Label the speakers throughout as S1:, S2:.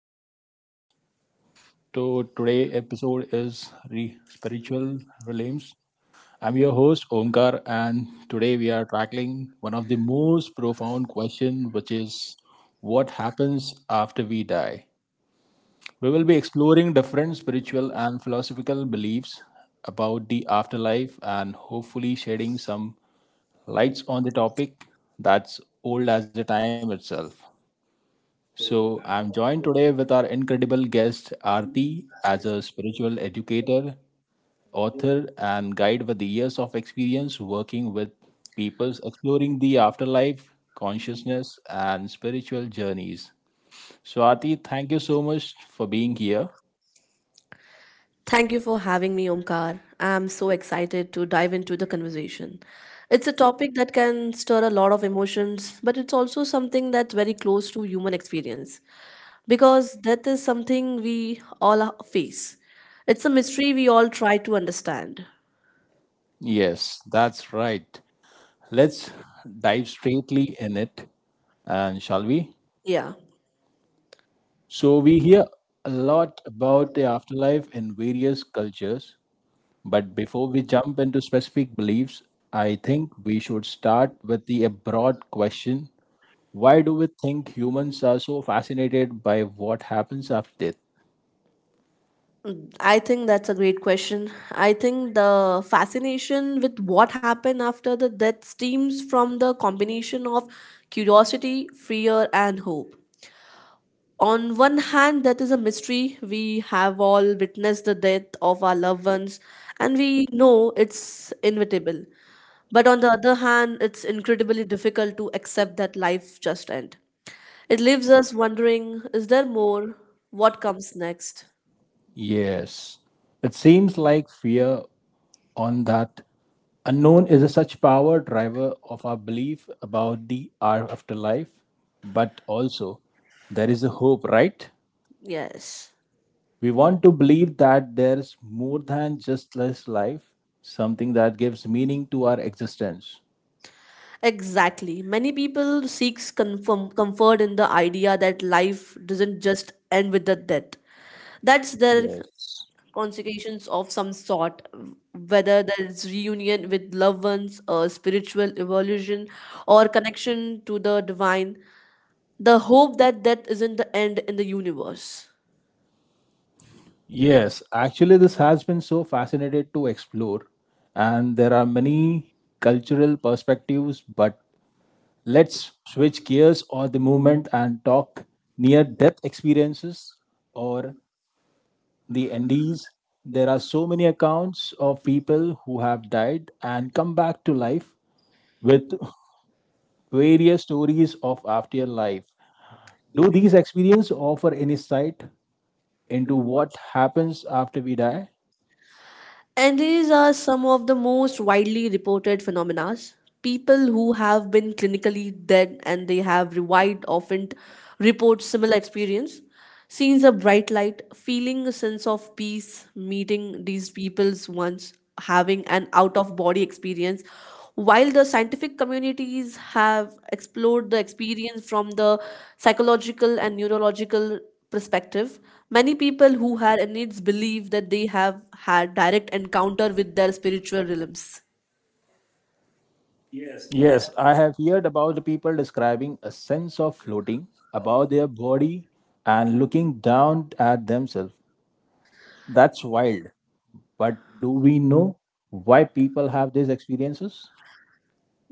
S1: everyone. So today episode is spiritual realms. I'm your host Omkar, and today we are tackling one of the most profound question, which is what happens after we die. We will be exploring different spiritual and philosophical beliefs about the afterlife, and hopefully shedding some lights on the topic that's old as the time itself. So, I'm joined today with our incredible guest, Aarti, as a spiritual educator, author, and guide with the years of experience working with peoples exploring the afterlife, consciousness, and spiritual journeys. So, Aarti, thank you so much for being here.
S2: Thank you for having me, Omkar. I'm so excited to dive into the conversation. It's a topic that can stir a lot of emotions, but it's also something that's very close to human experience because death is something we all face. It's a mystery we all try to understand.
S1: Yes, that's right. Let's dive straightly in it, and shall we?
S2: Yeah,
S1: So, we hear a lot about the afterlife in various cultures, but before we jump into specific beliefs, I think we should start with the broad question, why do we think humans are so fascinated by what happens after death?
S2: I think that's a great question. I think the fascination with what happened after the death stems from the combination of curiosity, fear, and hope. On one hand, that is a mystery. We have all witnessed the death of our loved ones, and we know it's inevitable, but on the other hand, it's incredibly difficult to accept that life just end. It leaves us wondering, is there more? What comes next?
S1: Yes, it seems like fear on that unknown is a such power driver of our belief about the our afterlife, but also there is a hope, right?
S2: Yes.
S1: We want to believe that there's more than just this life, something that gives meaning to our existence.
S2: Exactly. Many people seeks confirm, comfort in the idea that life doesn't just end with the death. That's their
S1: Yes.
S2: consecrations of some sort, whether there is reunion with loved ones, a spiritual evolution, or connection to the divine. The hope that that isn't the end in the universe.
S1: Yes, actually, this has been so fascinating to explore, and there are many cultural perspectives. But let's switch gears or the movement and talk near death experiences or the NDs. There are so many accounts of people who have died and come back to life with various stories of afterlife. Do these experiences offer any insight into what happens after we die?
S2: And these are some of the most widely reported phenomena. People who have been clinically dead and they have revived often report similar experience. Seeing a bright light, feeling a sense of peace, meeting these people's once, having an out of body experience. While the scientific communities have explored the experience from the psychological and neurological perspective, many people who had needs believe that they have had direct encounter with their spiritual realms.
S1: Yes, I have heard about the people describing a sense of floating above their body and looking down at themselves. That's wild. But do we know why people have these experiences?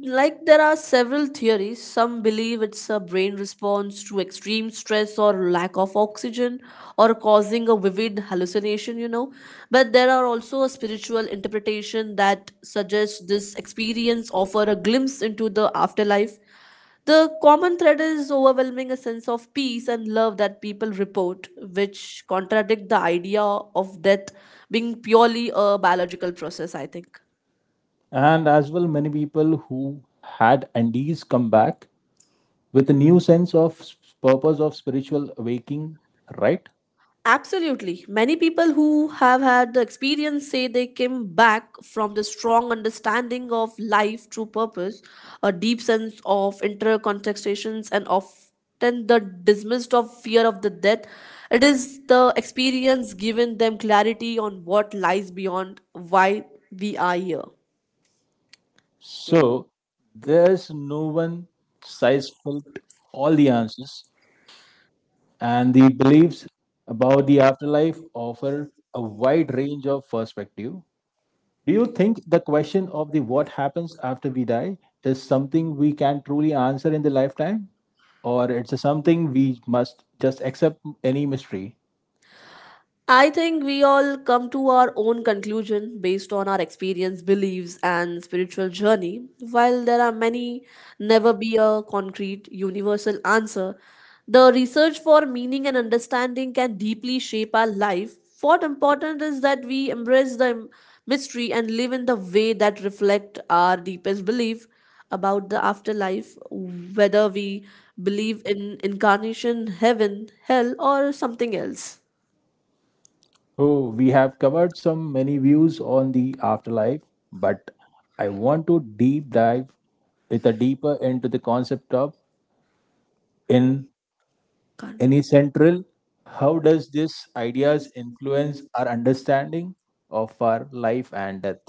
S2: Like, there are several theories. Some believe it's a brain response to extreme stress or lack of oxygen, or causing a vivid hallucination, you know. But there are also a spiritual interpretation that suggests this experience offer a glimpse into the afterlife. The common thread is overwhelming a sense of peace and love that people report, which contradict the idea of death being purely a biological process, I think.
S1: And as well, many people who had NDs come back with a new sense of purpose of spiritual awakening, right?
S2: Absolutely. Many people who have had the experience say they came back from the strong understanding of life through purpose, a deep sense of intercontextations, and often the dismissed of fear of the death. It is the experience given them clarity on what lies beyond why we are here.
S1: So there's no one size fits all the answers, and the beliefs about the afterlife offer a wide range of perspective. Do you think the question of the what happens after we die is something we can truly answer in the lifetime, or it's something we must just accept any mystery?
S2: I think we all come to our own conclusion based on our experience, beliefs, and spiritual journey. While there are many, never be a concrete, universal answer. The research for meaning and understanding can deeply shape our life. What important is that we embrace the mystery and live in the way that reflect our deepest belief about the afterlife, whether we believe in incarnation, heaven, hell, or something else.
S1: Oh, we have covered some many views on the afterlife, but I want to deep dive with a deeper into the concept of in any
S2: Can't.
S1: central. How does this ideas influence our understanding of our life and death?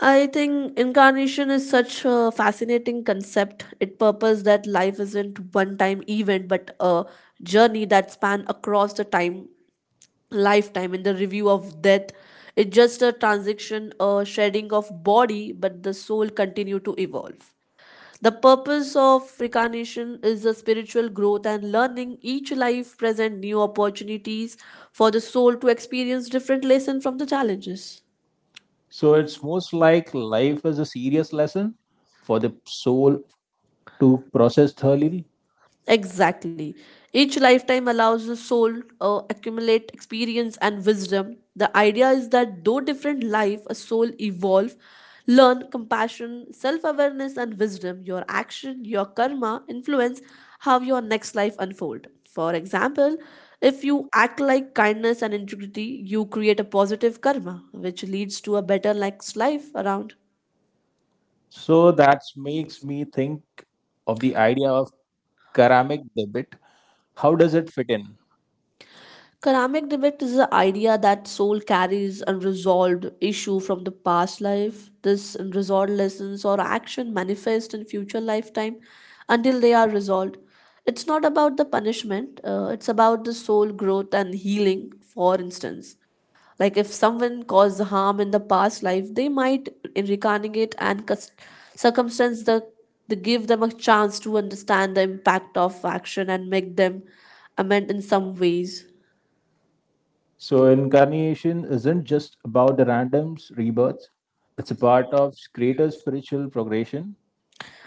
S2: I think incarnation is such a fascinating concept. It purpose that life isn't one time event but a journey that span across the time lifetime in the review of death. It's just a transition, a shedding of body, but the soul continue to evolve. The purpose of reincarnation is a spiritual growth and learning. Each life present new opportunities for the soul to experience different lesson from the challenges.
S1: So it's most like life is a serious lesson for the soul to process thoroughly.
S2: Exactly. Each lifetime allows the soul accumulate experience and wisdom. The idea is that though different life, a soul evolve, learn compassion, self-awareness and wisdom. Your action, your karma influence how your next life unfold. For example, if you act like kindness and integrity, you create a positive karma which leads to a better next life around.
S1: So that makes me think of the idea of karmic debit. How does it fit in?
S2: Karmic neglect is the idea that soul carries unresolved issue from the past life. This unresolved lessons or action manifest in future lifetime until they are resolved. It's not about the punishment. It's about the soul growth and healing. For instance, like if someone caused harm in the past life, they might reincarnate and circumstance the they give them a chance to understand the impact of action and make them amend in some ways.
S1: So incarnation isn't just about the randoms rebirths. It's a part of greater spiritual progression.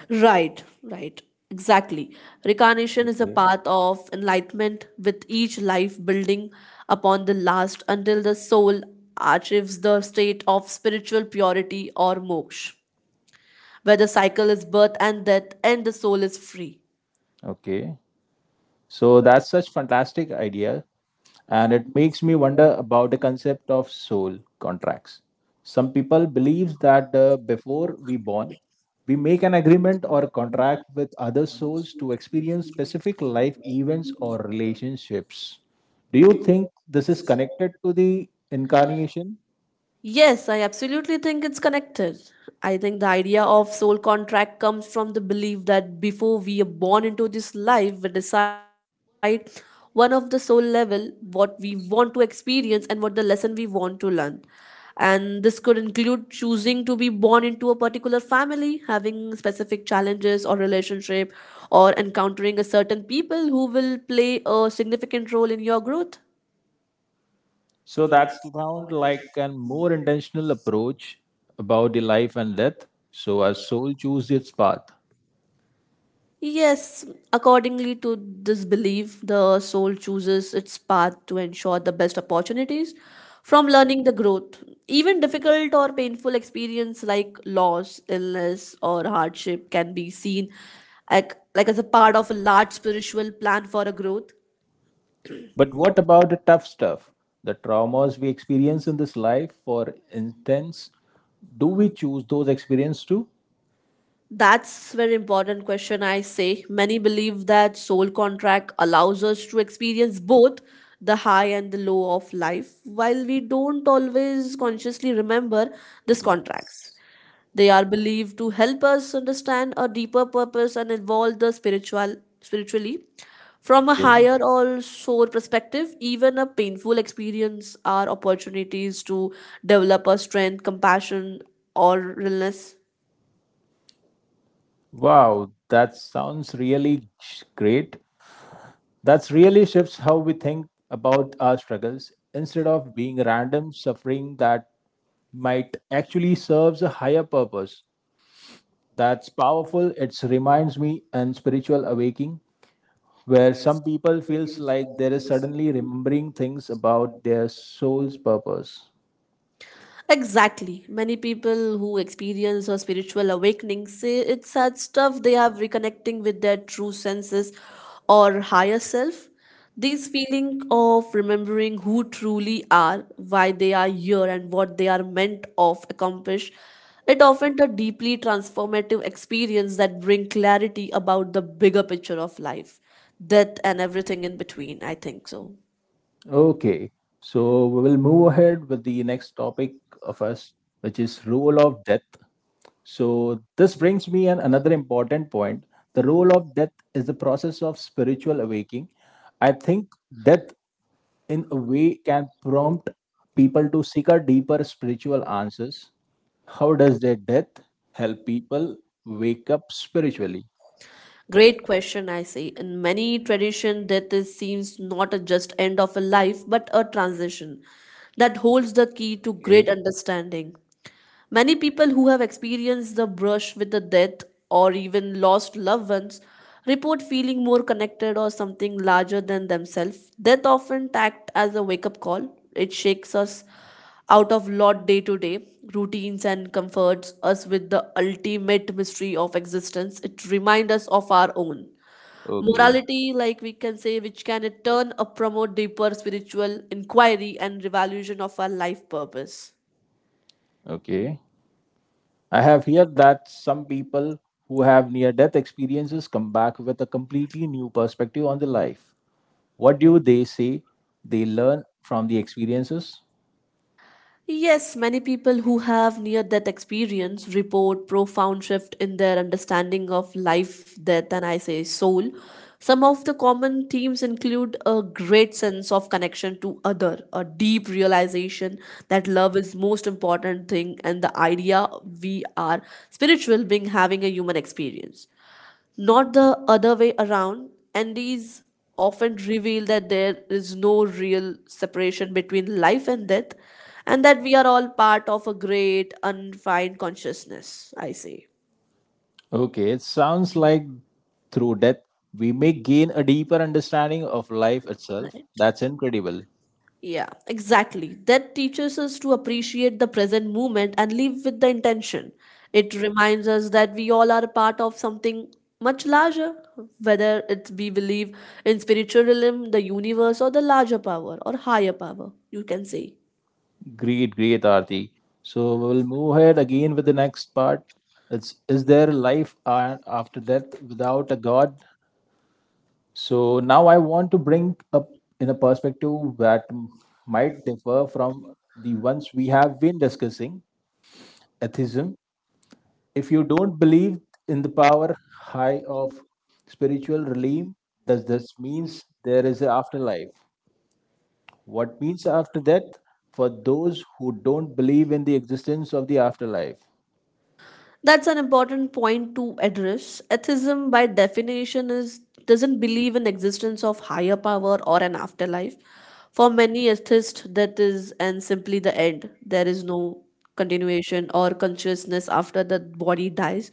S2: Right. exactly. Recarnation is a
S1: Okay.
S2: path of enlightenment with each life building upon the last until the soul achieves the state of spiritual purity or moksha, where the cycle is birth and death and the soul is free.
S1: Okay. So that's such fantastic idea and it makes me wonder about the concept of soul contracts. Some people believe that before we born we make an agreement or contract with other souls to experience specific life events or relationships. Do you think this is connected to the incarnation?
S2: Yes, I absolutely think it's connected. I think the idea of soul contract comes from the belief that before we are born into this life, we decide one of the soul level what we want to experience and what the lesson we want to learn. And this could include choosing to be born into a particular family, having specific challenges or relationship, or encountering a certain people who will play a significant role in your growth.
S1: So that's sound like a more intentional approach about the life and death. So our soul chooses its path.
S2: Yes, accordingly to this belief, the soul chooses its path to ensure the best opportunities from learning the growth. Even difficult or painful experience like loss, illness, or hardship can be seen like as a part of a large spiritual plan for a growth.
S1: But what about the tough stuff? The traumas we experience in this life, for instance, do we choose those experiences too?
S2: That's very important question, I say. Many believe that soul contract allows us to experience both the high and the low of life while we don't always consciously remember these contracts. They are believed to help us understand a deeper purpose and evolve the spiritually from a
S1: Okay.
S2: higher or soul perspective. Even a painful experience are opportunities to develop a strength, compassion, or realness.
S1: Wow, that sounds really great. That's really shifts how we think about our struggles. Instead of being random suffering that might actually serves a higher purpose. That's powerful. It reminds me and spiritual awakening where some people feels like there is suddenly remembering things about their soul's purpose.
S2: Exactly. Many people who experience a spiritual awakening say it's such stuff they have reconnecting with their true senses or higher self. This feeling of remembering who truly are, why they are here, and what they are meant of accomplish, it often a deeply transformative experience that bring clarity about the bigger picture of life, death, and everything in between. I think so.
S1: Okay. So we will move ahead with the next topic of us which is role of death. So this brings me an another important point. The role of death is the process of spiritual awakening. I think death in a way can prompt people to seek a deeper spiritual answers. How does their death help people wake up spiritually?
S2: Great question, I say. In many tradition, death is, seems not a just end of a life, but a transition that holds the key to great
S1: Okay.
S2: understanding. Many people who have experienced the brush with the death or even lost loved ones report feeling more connected or something larger than themselves. Death often acts as a wake up call. It shakes us out of lot day to day routines and comforts us with the ultimate mystery of existence. It reminds us of our own
S1: Okay.
S2: morality, like we can say, which can in turn promote deeper spiritual inquiry and revaluation of our life purpose.
S1: Okay. I have heard that some people who have near death experiences come back with a completely new perspective on the life. What do they say they learn from the experiences?
S2: Yes, many people who have near death experience report profound shift in their understanding of life, death, and I say soul. Some of the common themes include a great sense of connection to other, a deep realization that love is most important thing and the idea we are spiritual being having a human experience, not the other way around. And these often reveal that there is no real separation between life and death, and that we are all part of a great undefined consciousness. I say,
S1: Okay, it sounds like through death we may gain a deeper understanding of life itself.
S2: right?
S1: That's incredible.
S2: Yeah, exactly. That teaches us to appreciate the present moment and live with the intention. It reminds us that we all are a part of something much larger, whether it we believe in spiritualism, the universe, or the larger power or higher power, you can say.
S1: Great, great, Aarti. So we'll move ahead again with the next part. It's is there life after death without a God? So now I want to bring up in a perspective that might differ from the ones we have been discussing, atheism. If you don't believe in the power high of spiritual realm, does this means there is an afterlife? What means after death for those who don't believe in the existence of the afterlife?
S2: That's an important point to address. Atheism by definition is doesn't believe in existence of higher power or an afterlife. For many atheists, that is and simply the end. There is no continuation or consciousness after the body dies.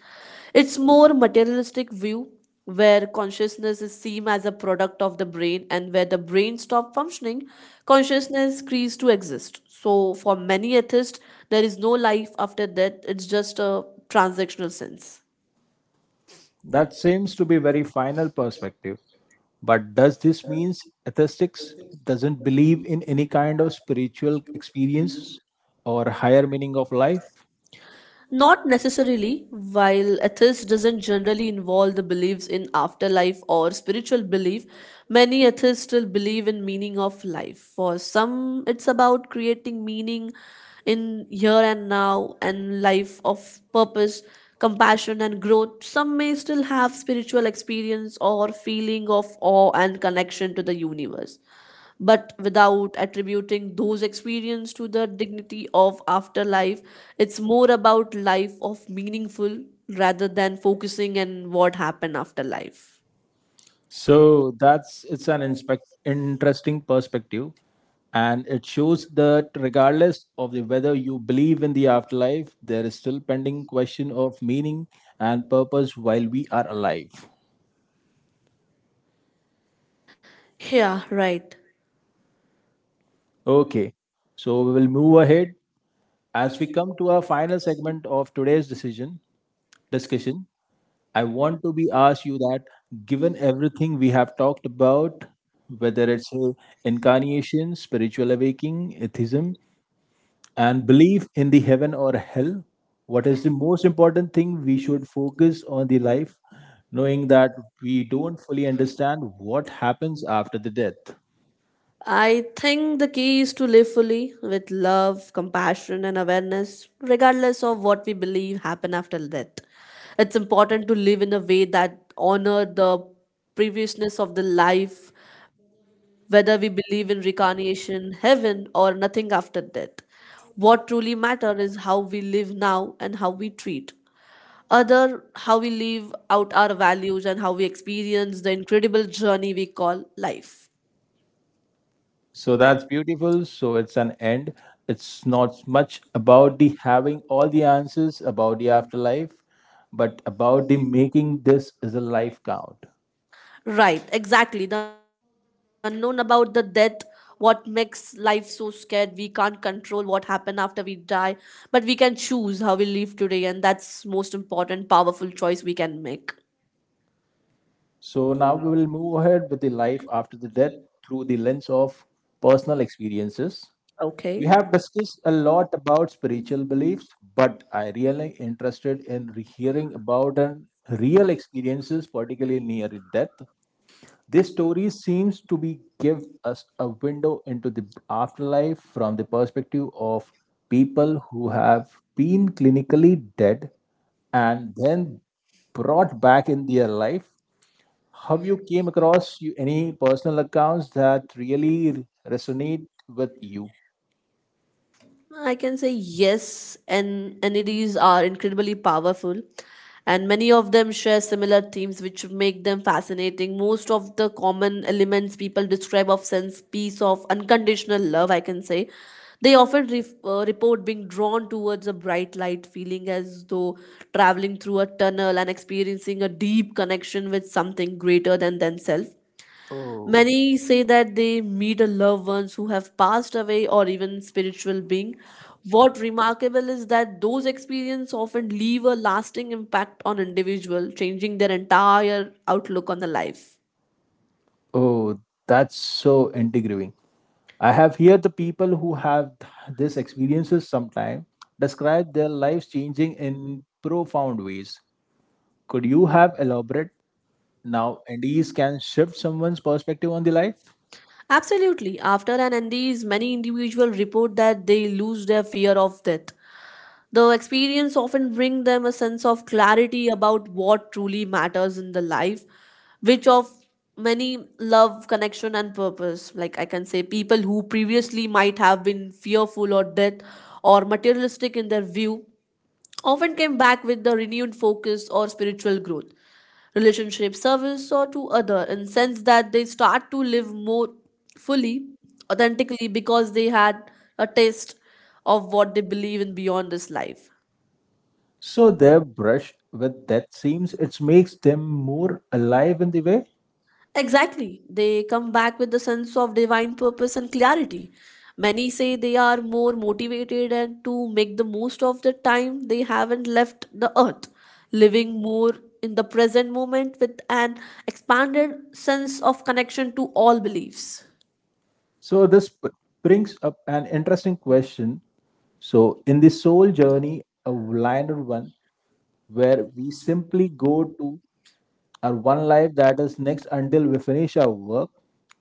S2: It's more materialistic view where consciousness is seen as a product of the brain, and where the brain stops functioning, consciousness ceases to exist. So for many atheists, there is no life after death. It's just a transactional sense.
S1: That seems to be very final perspective. But does this mean atheistics doesn't believe in any kind of spiritual experience or higher meaning of life?
S2: Not necessarily. While atheism doesn't generally involve the beliefs in afterlife or spiritual belief, many atheists still believe in meaning of life. For some, it's about creating meaning in here and now and life of purpose, compassion and growth. Some may still have spiritual experience or feeling of awe and connection to the universe, but without attributing those experiences to the dignity of afterlife. It's more about life of meaningful rather than focusing on what happened after life.
S1: So that's it's an interesting perspective, and it shows that regardless of the, whether you believe in the afterlife, there is still pending question of meaning and purpose while we are alive.
S2: Yeah, right.
S1: Okay, so we will move ahead as we come to our final segment of today's decision discussion, I want to be asked you that given everything we have talked about, whether it's incarnation, spiritual awakening, atheism, and belief in the heaven or hell, what is the most important thing we should focus on the life, knowing that we don't fully understand what happens after the death?
S2: I think the key is to live fully with love, compassion, and awareness, regardless of what we believe happen after death. It's important to live in a way that honor the previousness of the life, whether we believe in reincarnation, heaven, or nothing after death. What truly matters is how we live now and how we treat other, how we live out our values and how we experience the incredible journey we call life.
S1: So that's beautiful. So it's an end. It's not much about the having all the answers about the afterlife, but about the making this is a life count.
S2: Right, exactly. The unknown about the death, what makes life so scared. We can't control what happen after we die, but we can choose how we live today, and that's most important, powerful choice we can make.
S1: So now we will move ahead with the life after the death through the lens of personal experiences. We
S2: Okay.
S1: have discussed a lot about spiritual beliefs, but I really interested in hearing about an real experiences, particularly near death. This story seems to be give us a window into the afterlife from the perspective of people who have been clinically dead and then brought back in their life. Have you came across you, any personal accounts that really resonate with you?
S2: I can say yes, and NEDs are incredibly powerful, and many of them share similar themes which make them fascinating. Most of the common elements people describe of sense, peace, of unconditional love, I can say. They often ref report being drawn towards a bright light, feeling as though traveling through a tunnel and experiencing a deep connection with something greater than themselves.
S1: Oh.
S2: Many say that they meet a loved ones who have passed away or even spiritual being. What remarkable is that those experiences often leave a lasting impact on individual, changing their entire outlook on the life.
S1: Oh, that's so intriguing. I have heard the people who have these experiences sometime describe their lives changing in profound ways. Could you have elaborate now and these can shift someone's perspective on the life?
S2: Absolutely. After an NDEs, many individuals report that they lose their fear of death. The experience often bring them a sense of clarity about what truly matters in the life, which of many love, connection, and purpose. Like I can say, people who previously might have been fearful or death or materialistic in their view often came back with the renewed focus or spiritual growth, relationship service, or to other, and sense that they start to live more fully, authentically, because they had a taste of what they believe in beyond this life.
S1: So their brush with death seems it makes them more alive in the way.
S2: Exactly. They come back with the sense of divine purpose and clarity. Many say they are more motivated and to make the most of the time they haven't left the earth, living more in the present moment with an expanded sense of connection to all beliefs.
S1: So this brings up an interesting question. So in the soul journey, a liner one where we simply go to or one life that is next until we finish our work,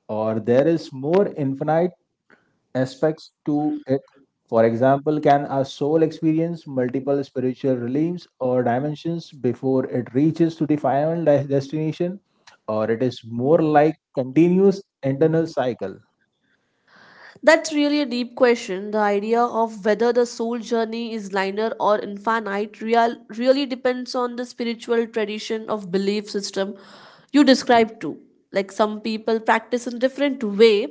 S1: or there is more infinite aspects to it. For example, can our soul experience multiple spiritual realms or dimensions before it reaches to the final destination, or it is more like continuous internal cycle?
S2: That's really a deep question. The idea of whether the soul journey is linear or infinite real, really depends on the spiritual tradition of belief system you describe too. Like some people practice in different way.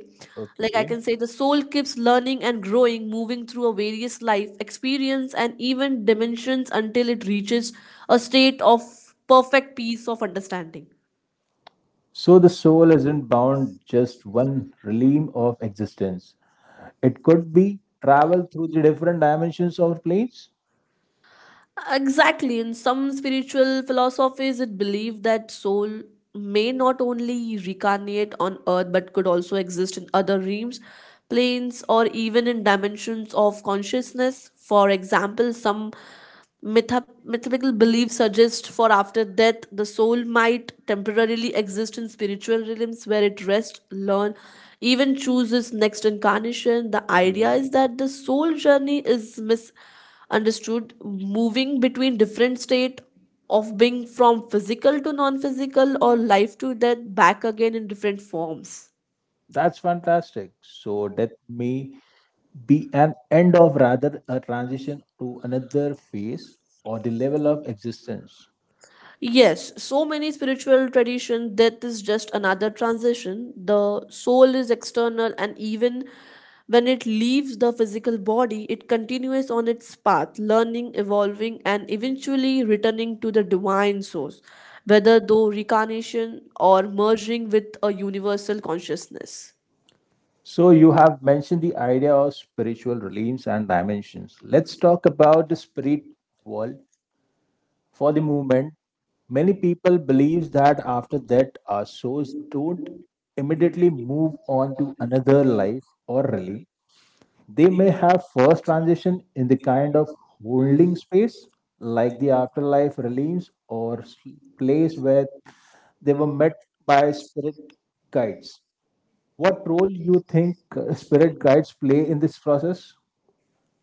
S2: Like I
S1: Okay.
S2: can say the soul keeps learning and growing, moving through a various life experience and even dimensions until it reaches a state of perfect peace of understanding.
S1: So the soul isn't bound just one realm of existence. It could be travel through the different dimensions of planes.
S2: Exactly. In some spiritual philosophies, it believed that soul may not only reincarnate on earth but could also exist in other realms, planes, or even in dimensions of consciousness. For example, some mythical beliefs suggest for after death, the soul might temporarily exist in spiritual realms where it rests, learn, even chooses next incarnation. The idea is that the soul journey is mis understood, moving between different state of being from physical to non-physical or life to death back again in different forms.
S1: That's fantastic. So death may be an end of rather a transition to another phase or the level of existence.
S2: Yes, so many spiritual tradition death is just another transition. The soul is external, and even when it leaves the physical body, it continues on its path learning, evolving, and eventually returning to the divine source, whether though reincarnation or merging with a universal consciousness.
S1: So you have mentioned the idea of spiritual realms and dimensions. Let's talk about the spirit world for the moment. Many people believe that after that our souls don't immediately move on to another life or realm. They may have first transition in the kind of holding space, like the afterlife realms or place where they were met by spirit guides. What role you think spirit guides play in this process?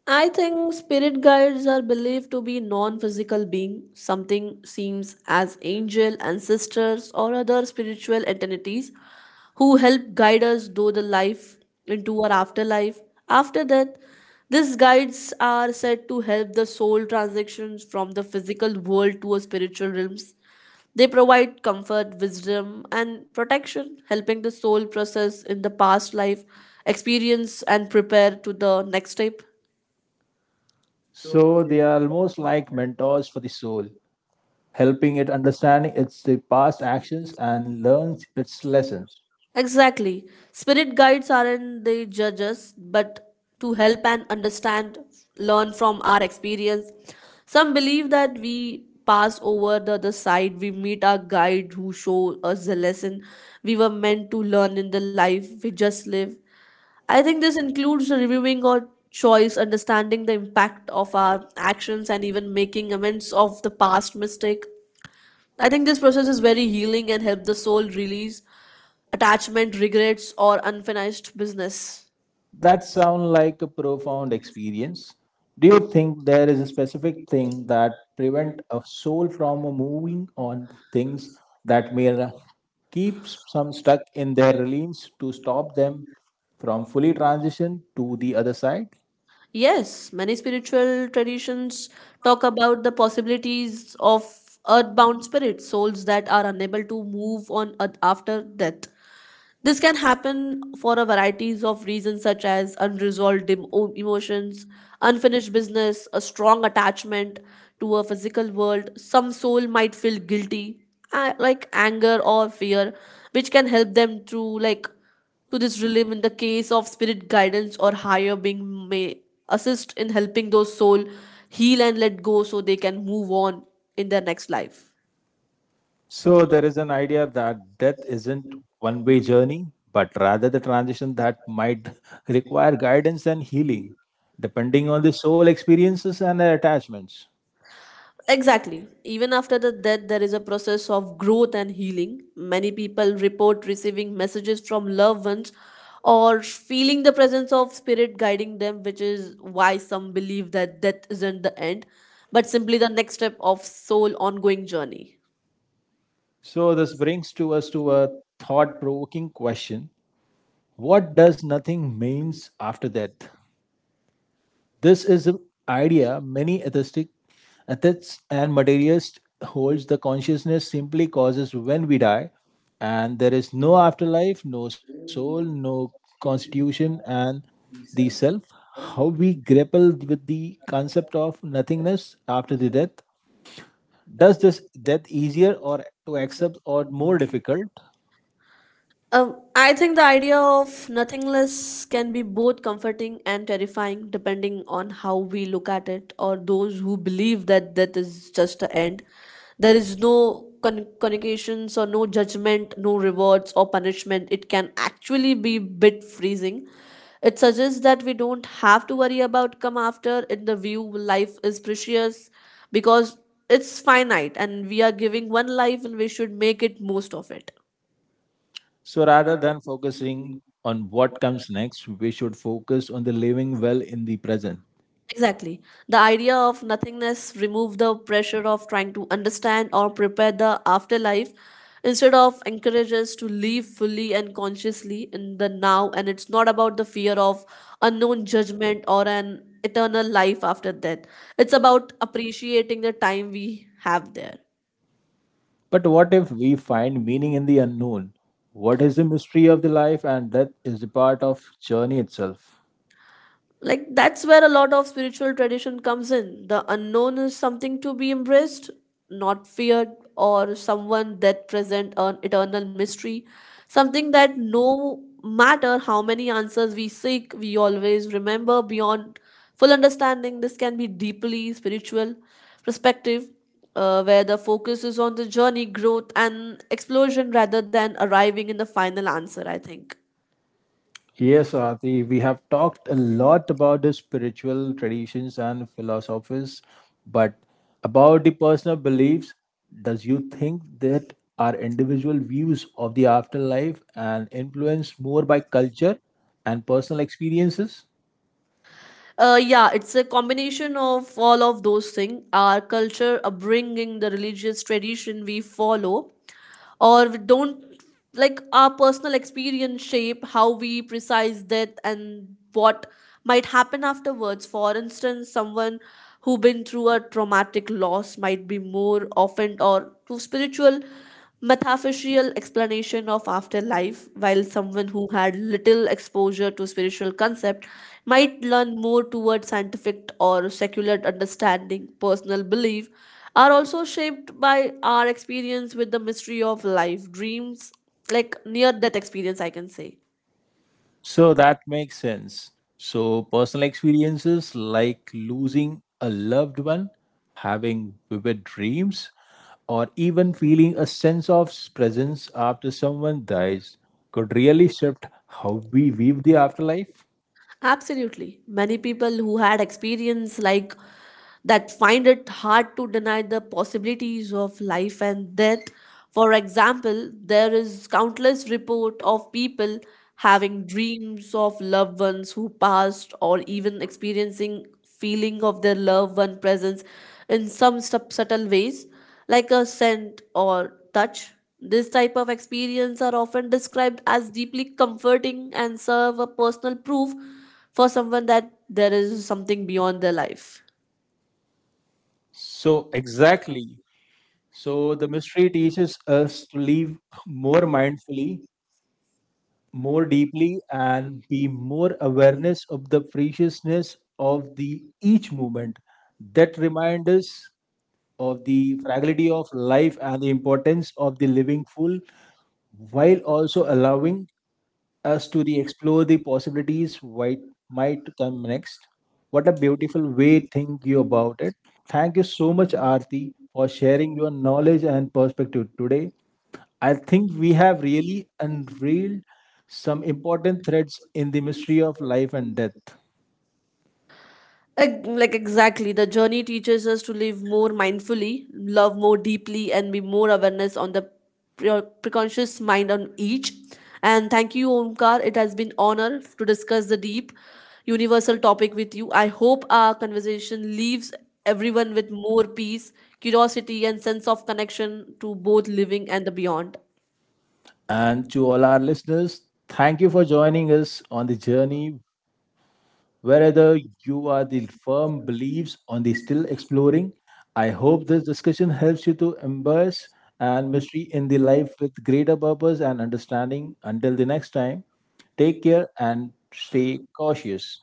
S2: I think spirit guides are believed to be non physical beings, something seems as angel, ancestors, or other spiritual entities who help guide us through the life into our afterlife. After that, these guides are said to help the soul transitions from the physical world to a spiritual realms. They provide comfort, wisdom, and protection, helping the soul process in the past life experience and prepare to the next step.
S1: So they are almost like mentors for the soul, helping it understanding its past actions and learns its lessons.
S2: Exactly. Spirit guides aren't the judges, but to help and understand, learn from our experience. Some believe that we pass over the other side, we meet our guide who show us the lesson we were meant to learn in the life we just live. I think this includes reviewing our choice, understanding the impact of our actions, and even making amends of the past mistake. I think this process is very healing and help the soul release attachment, regrets, or unfinished business.
S1: That sounds like a profound experience. Do you think there is a specific thing that prevent a soul from moving on things that may keep some stuck in their realms to stop them from fully transition to the other side?
S2: Yes, many spiritual traditions talk about the possibilities of earthbound spirits, souls that are unable to move on earth after death. This can happen for a varieties of reasons such as unresolved emotions, unfinished business, a strong attachment to a physical world. Some soul might feel guilty, like anger or fear, which can help them to like to this relief in the case of spirit guidance or higher being may assist in helping those soul heal and let go so they can move on in their next life.
S1: So there is an idea that death isn't one-way journey, but rather the transition that might require guidance and healing, depending on the soul experiences and their attachments.
S2: Exactly. Even after the death, there is a process of growth and healing. Many people report receiving messages from loved ones or feeling the presence of spirit guiding them, which is why some believe that death isn't the end, but simply the next step of soul ongoing journey.
S1: So this brings to us to a thought-provoking question. What does nothing means after death? This is an idea many atheistic ethics and materialist holds the consciousness simply causes when we die and there is no afterlife, no soul, no constitution and the self. How we grapple with the concept of nothingness after the death. Does this death easier or to accept or more difficult?
S2: I think the idea of nothingness can be both comforting and terrifying, depending on how we look at it, or those who believe that death is just the end. There is no connotations or no judgment, no rewards or punishment. It can actually be bit freezing. It suggests that we don't have to worry about come after. In the view, life is precious because it's finite, and we are giving one life, and we should make it most of it.
S1: So rather than focusing on what comes next, we should focus on the living well in the present.
S2: Exactly. The idea of nothingness removes the pressure of trying to understand or prepare the afterlife instead of encourages to live fully and consciously in the now, and it's not about the fear of unknown judgment or an eternal life after death. It's about appreciating the time we have there.
S1: But what if we find meaning in the unknown? What is the mystery of the life and death is the part of journey itself.
S2: Like that's where a lot of spiritual tradition comes in. The unknown is something to be embraced, not feared, or someone that present an eternal mystery, something that no matter how many answers we seek, we always remember beyond full understanding. This can be deeply spiritual perspective, where the focus is on the journey growth and explosion rather than arriving in the final answer, I think.
S1: Yes, Swati, we have talked a lot about the spiritual traditions and philosophies, but about the personal beliefs, does you think that our individual views of the afterlife and influenced more by culture and personal experiences?
S2: Yeah, it's a combination of all of those things. Our culture, upbringing, the religious tradition we follow, or we don't, like our personal experience shape how we precise death and what might happen afterwards. For instance, someone who been through a traumatic loss might be more often or to spiritual metaphysical explanation of afterlife, while someone who had little exposure to spiritual concept might learn more towards scientific or secular understanding. Personal belief are also shaped by our experience with the mystery of life, dreams, like near death experience, I can say.
S1: So that makes sense. So, personal experiences like losing a loved one, having vivid dreams, or even feeling a sense of presence after someone dies could really shift how we view the afterlife.
S2: Absolutely. Many people who had experience like that find it hard to deny the possibilities of life and death. For example, there is countless report of people having dreams of loved ones who passed or even experiencing feeling of their loved one presence in some subtle ways, like a scent or touch. This type of experience are often described as deeply comforting and serve a personal proof for someone that there is something beyond their life.
S1: So, exactly. So, the mystery teaches us to live more mindfully, more deeply and be more awareness of the preciousness of the each moment that remind us of the fragility of life and the importance of the living full, while also allowing us to the explore the possibilities what might come next. What a beautiful way think you about it. Thank you so much, Arti, for sharing your knowledge and perspective today. I think we have really unveiled some important threads in the mystery of life and death.
S2: Like exactly, the journey teaches us to live more mindfully, love more deeply, and be more awareness on the preconscious mind on each. And thank you, Omkar. It has been honor to discuss the deep, universal topic with you. I hope our conversation leaves everyone with more peace, curiosity, and sense of connection to both living and the beyond.
S1: And to all our listeners, thank you for joining us on the journey. Wherever you are the firm beliefs on the still exploring, I hope this discussion helps you to embrace and mystery in the life with greater purpose and understanding. Until the next time, take care and stay cautious.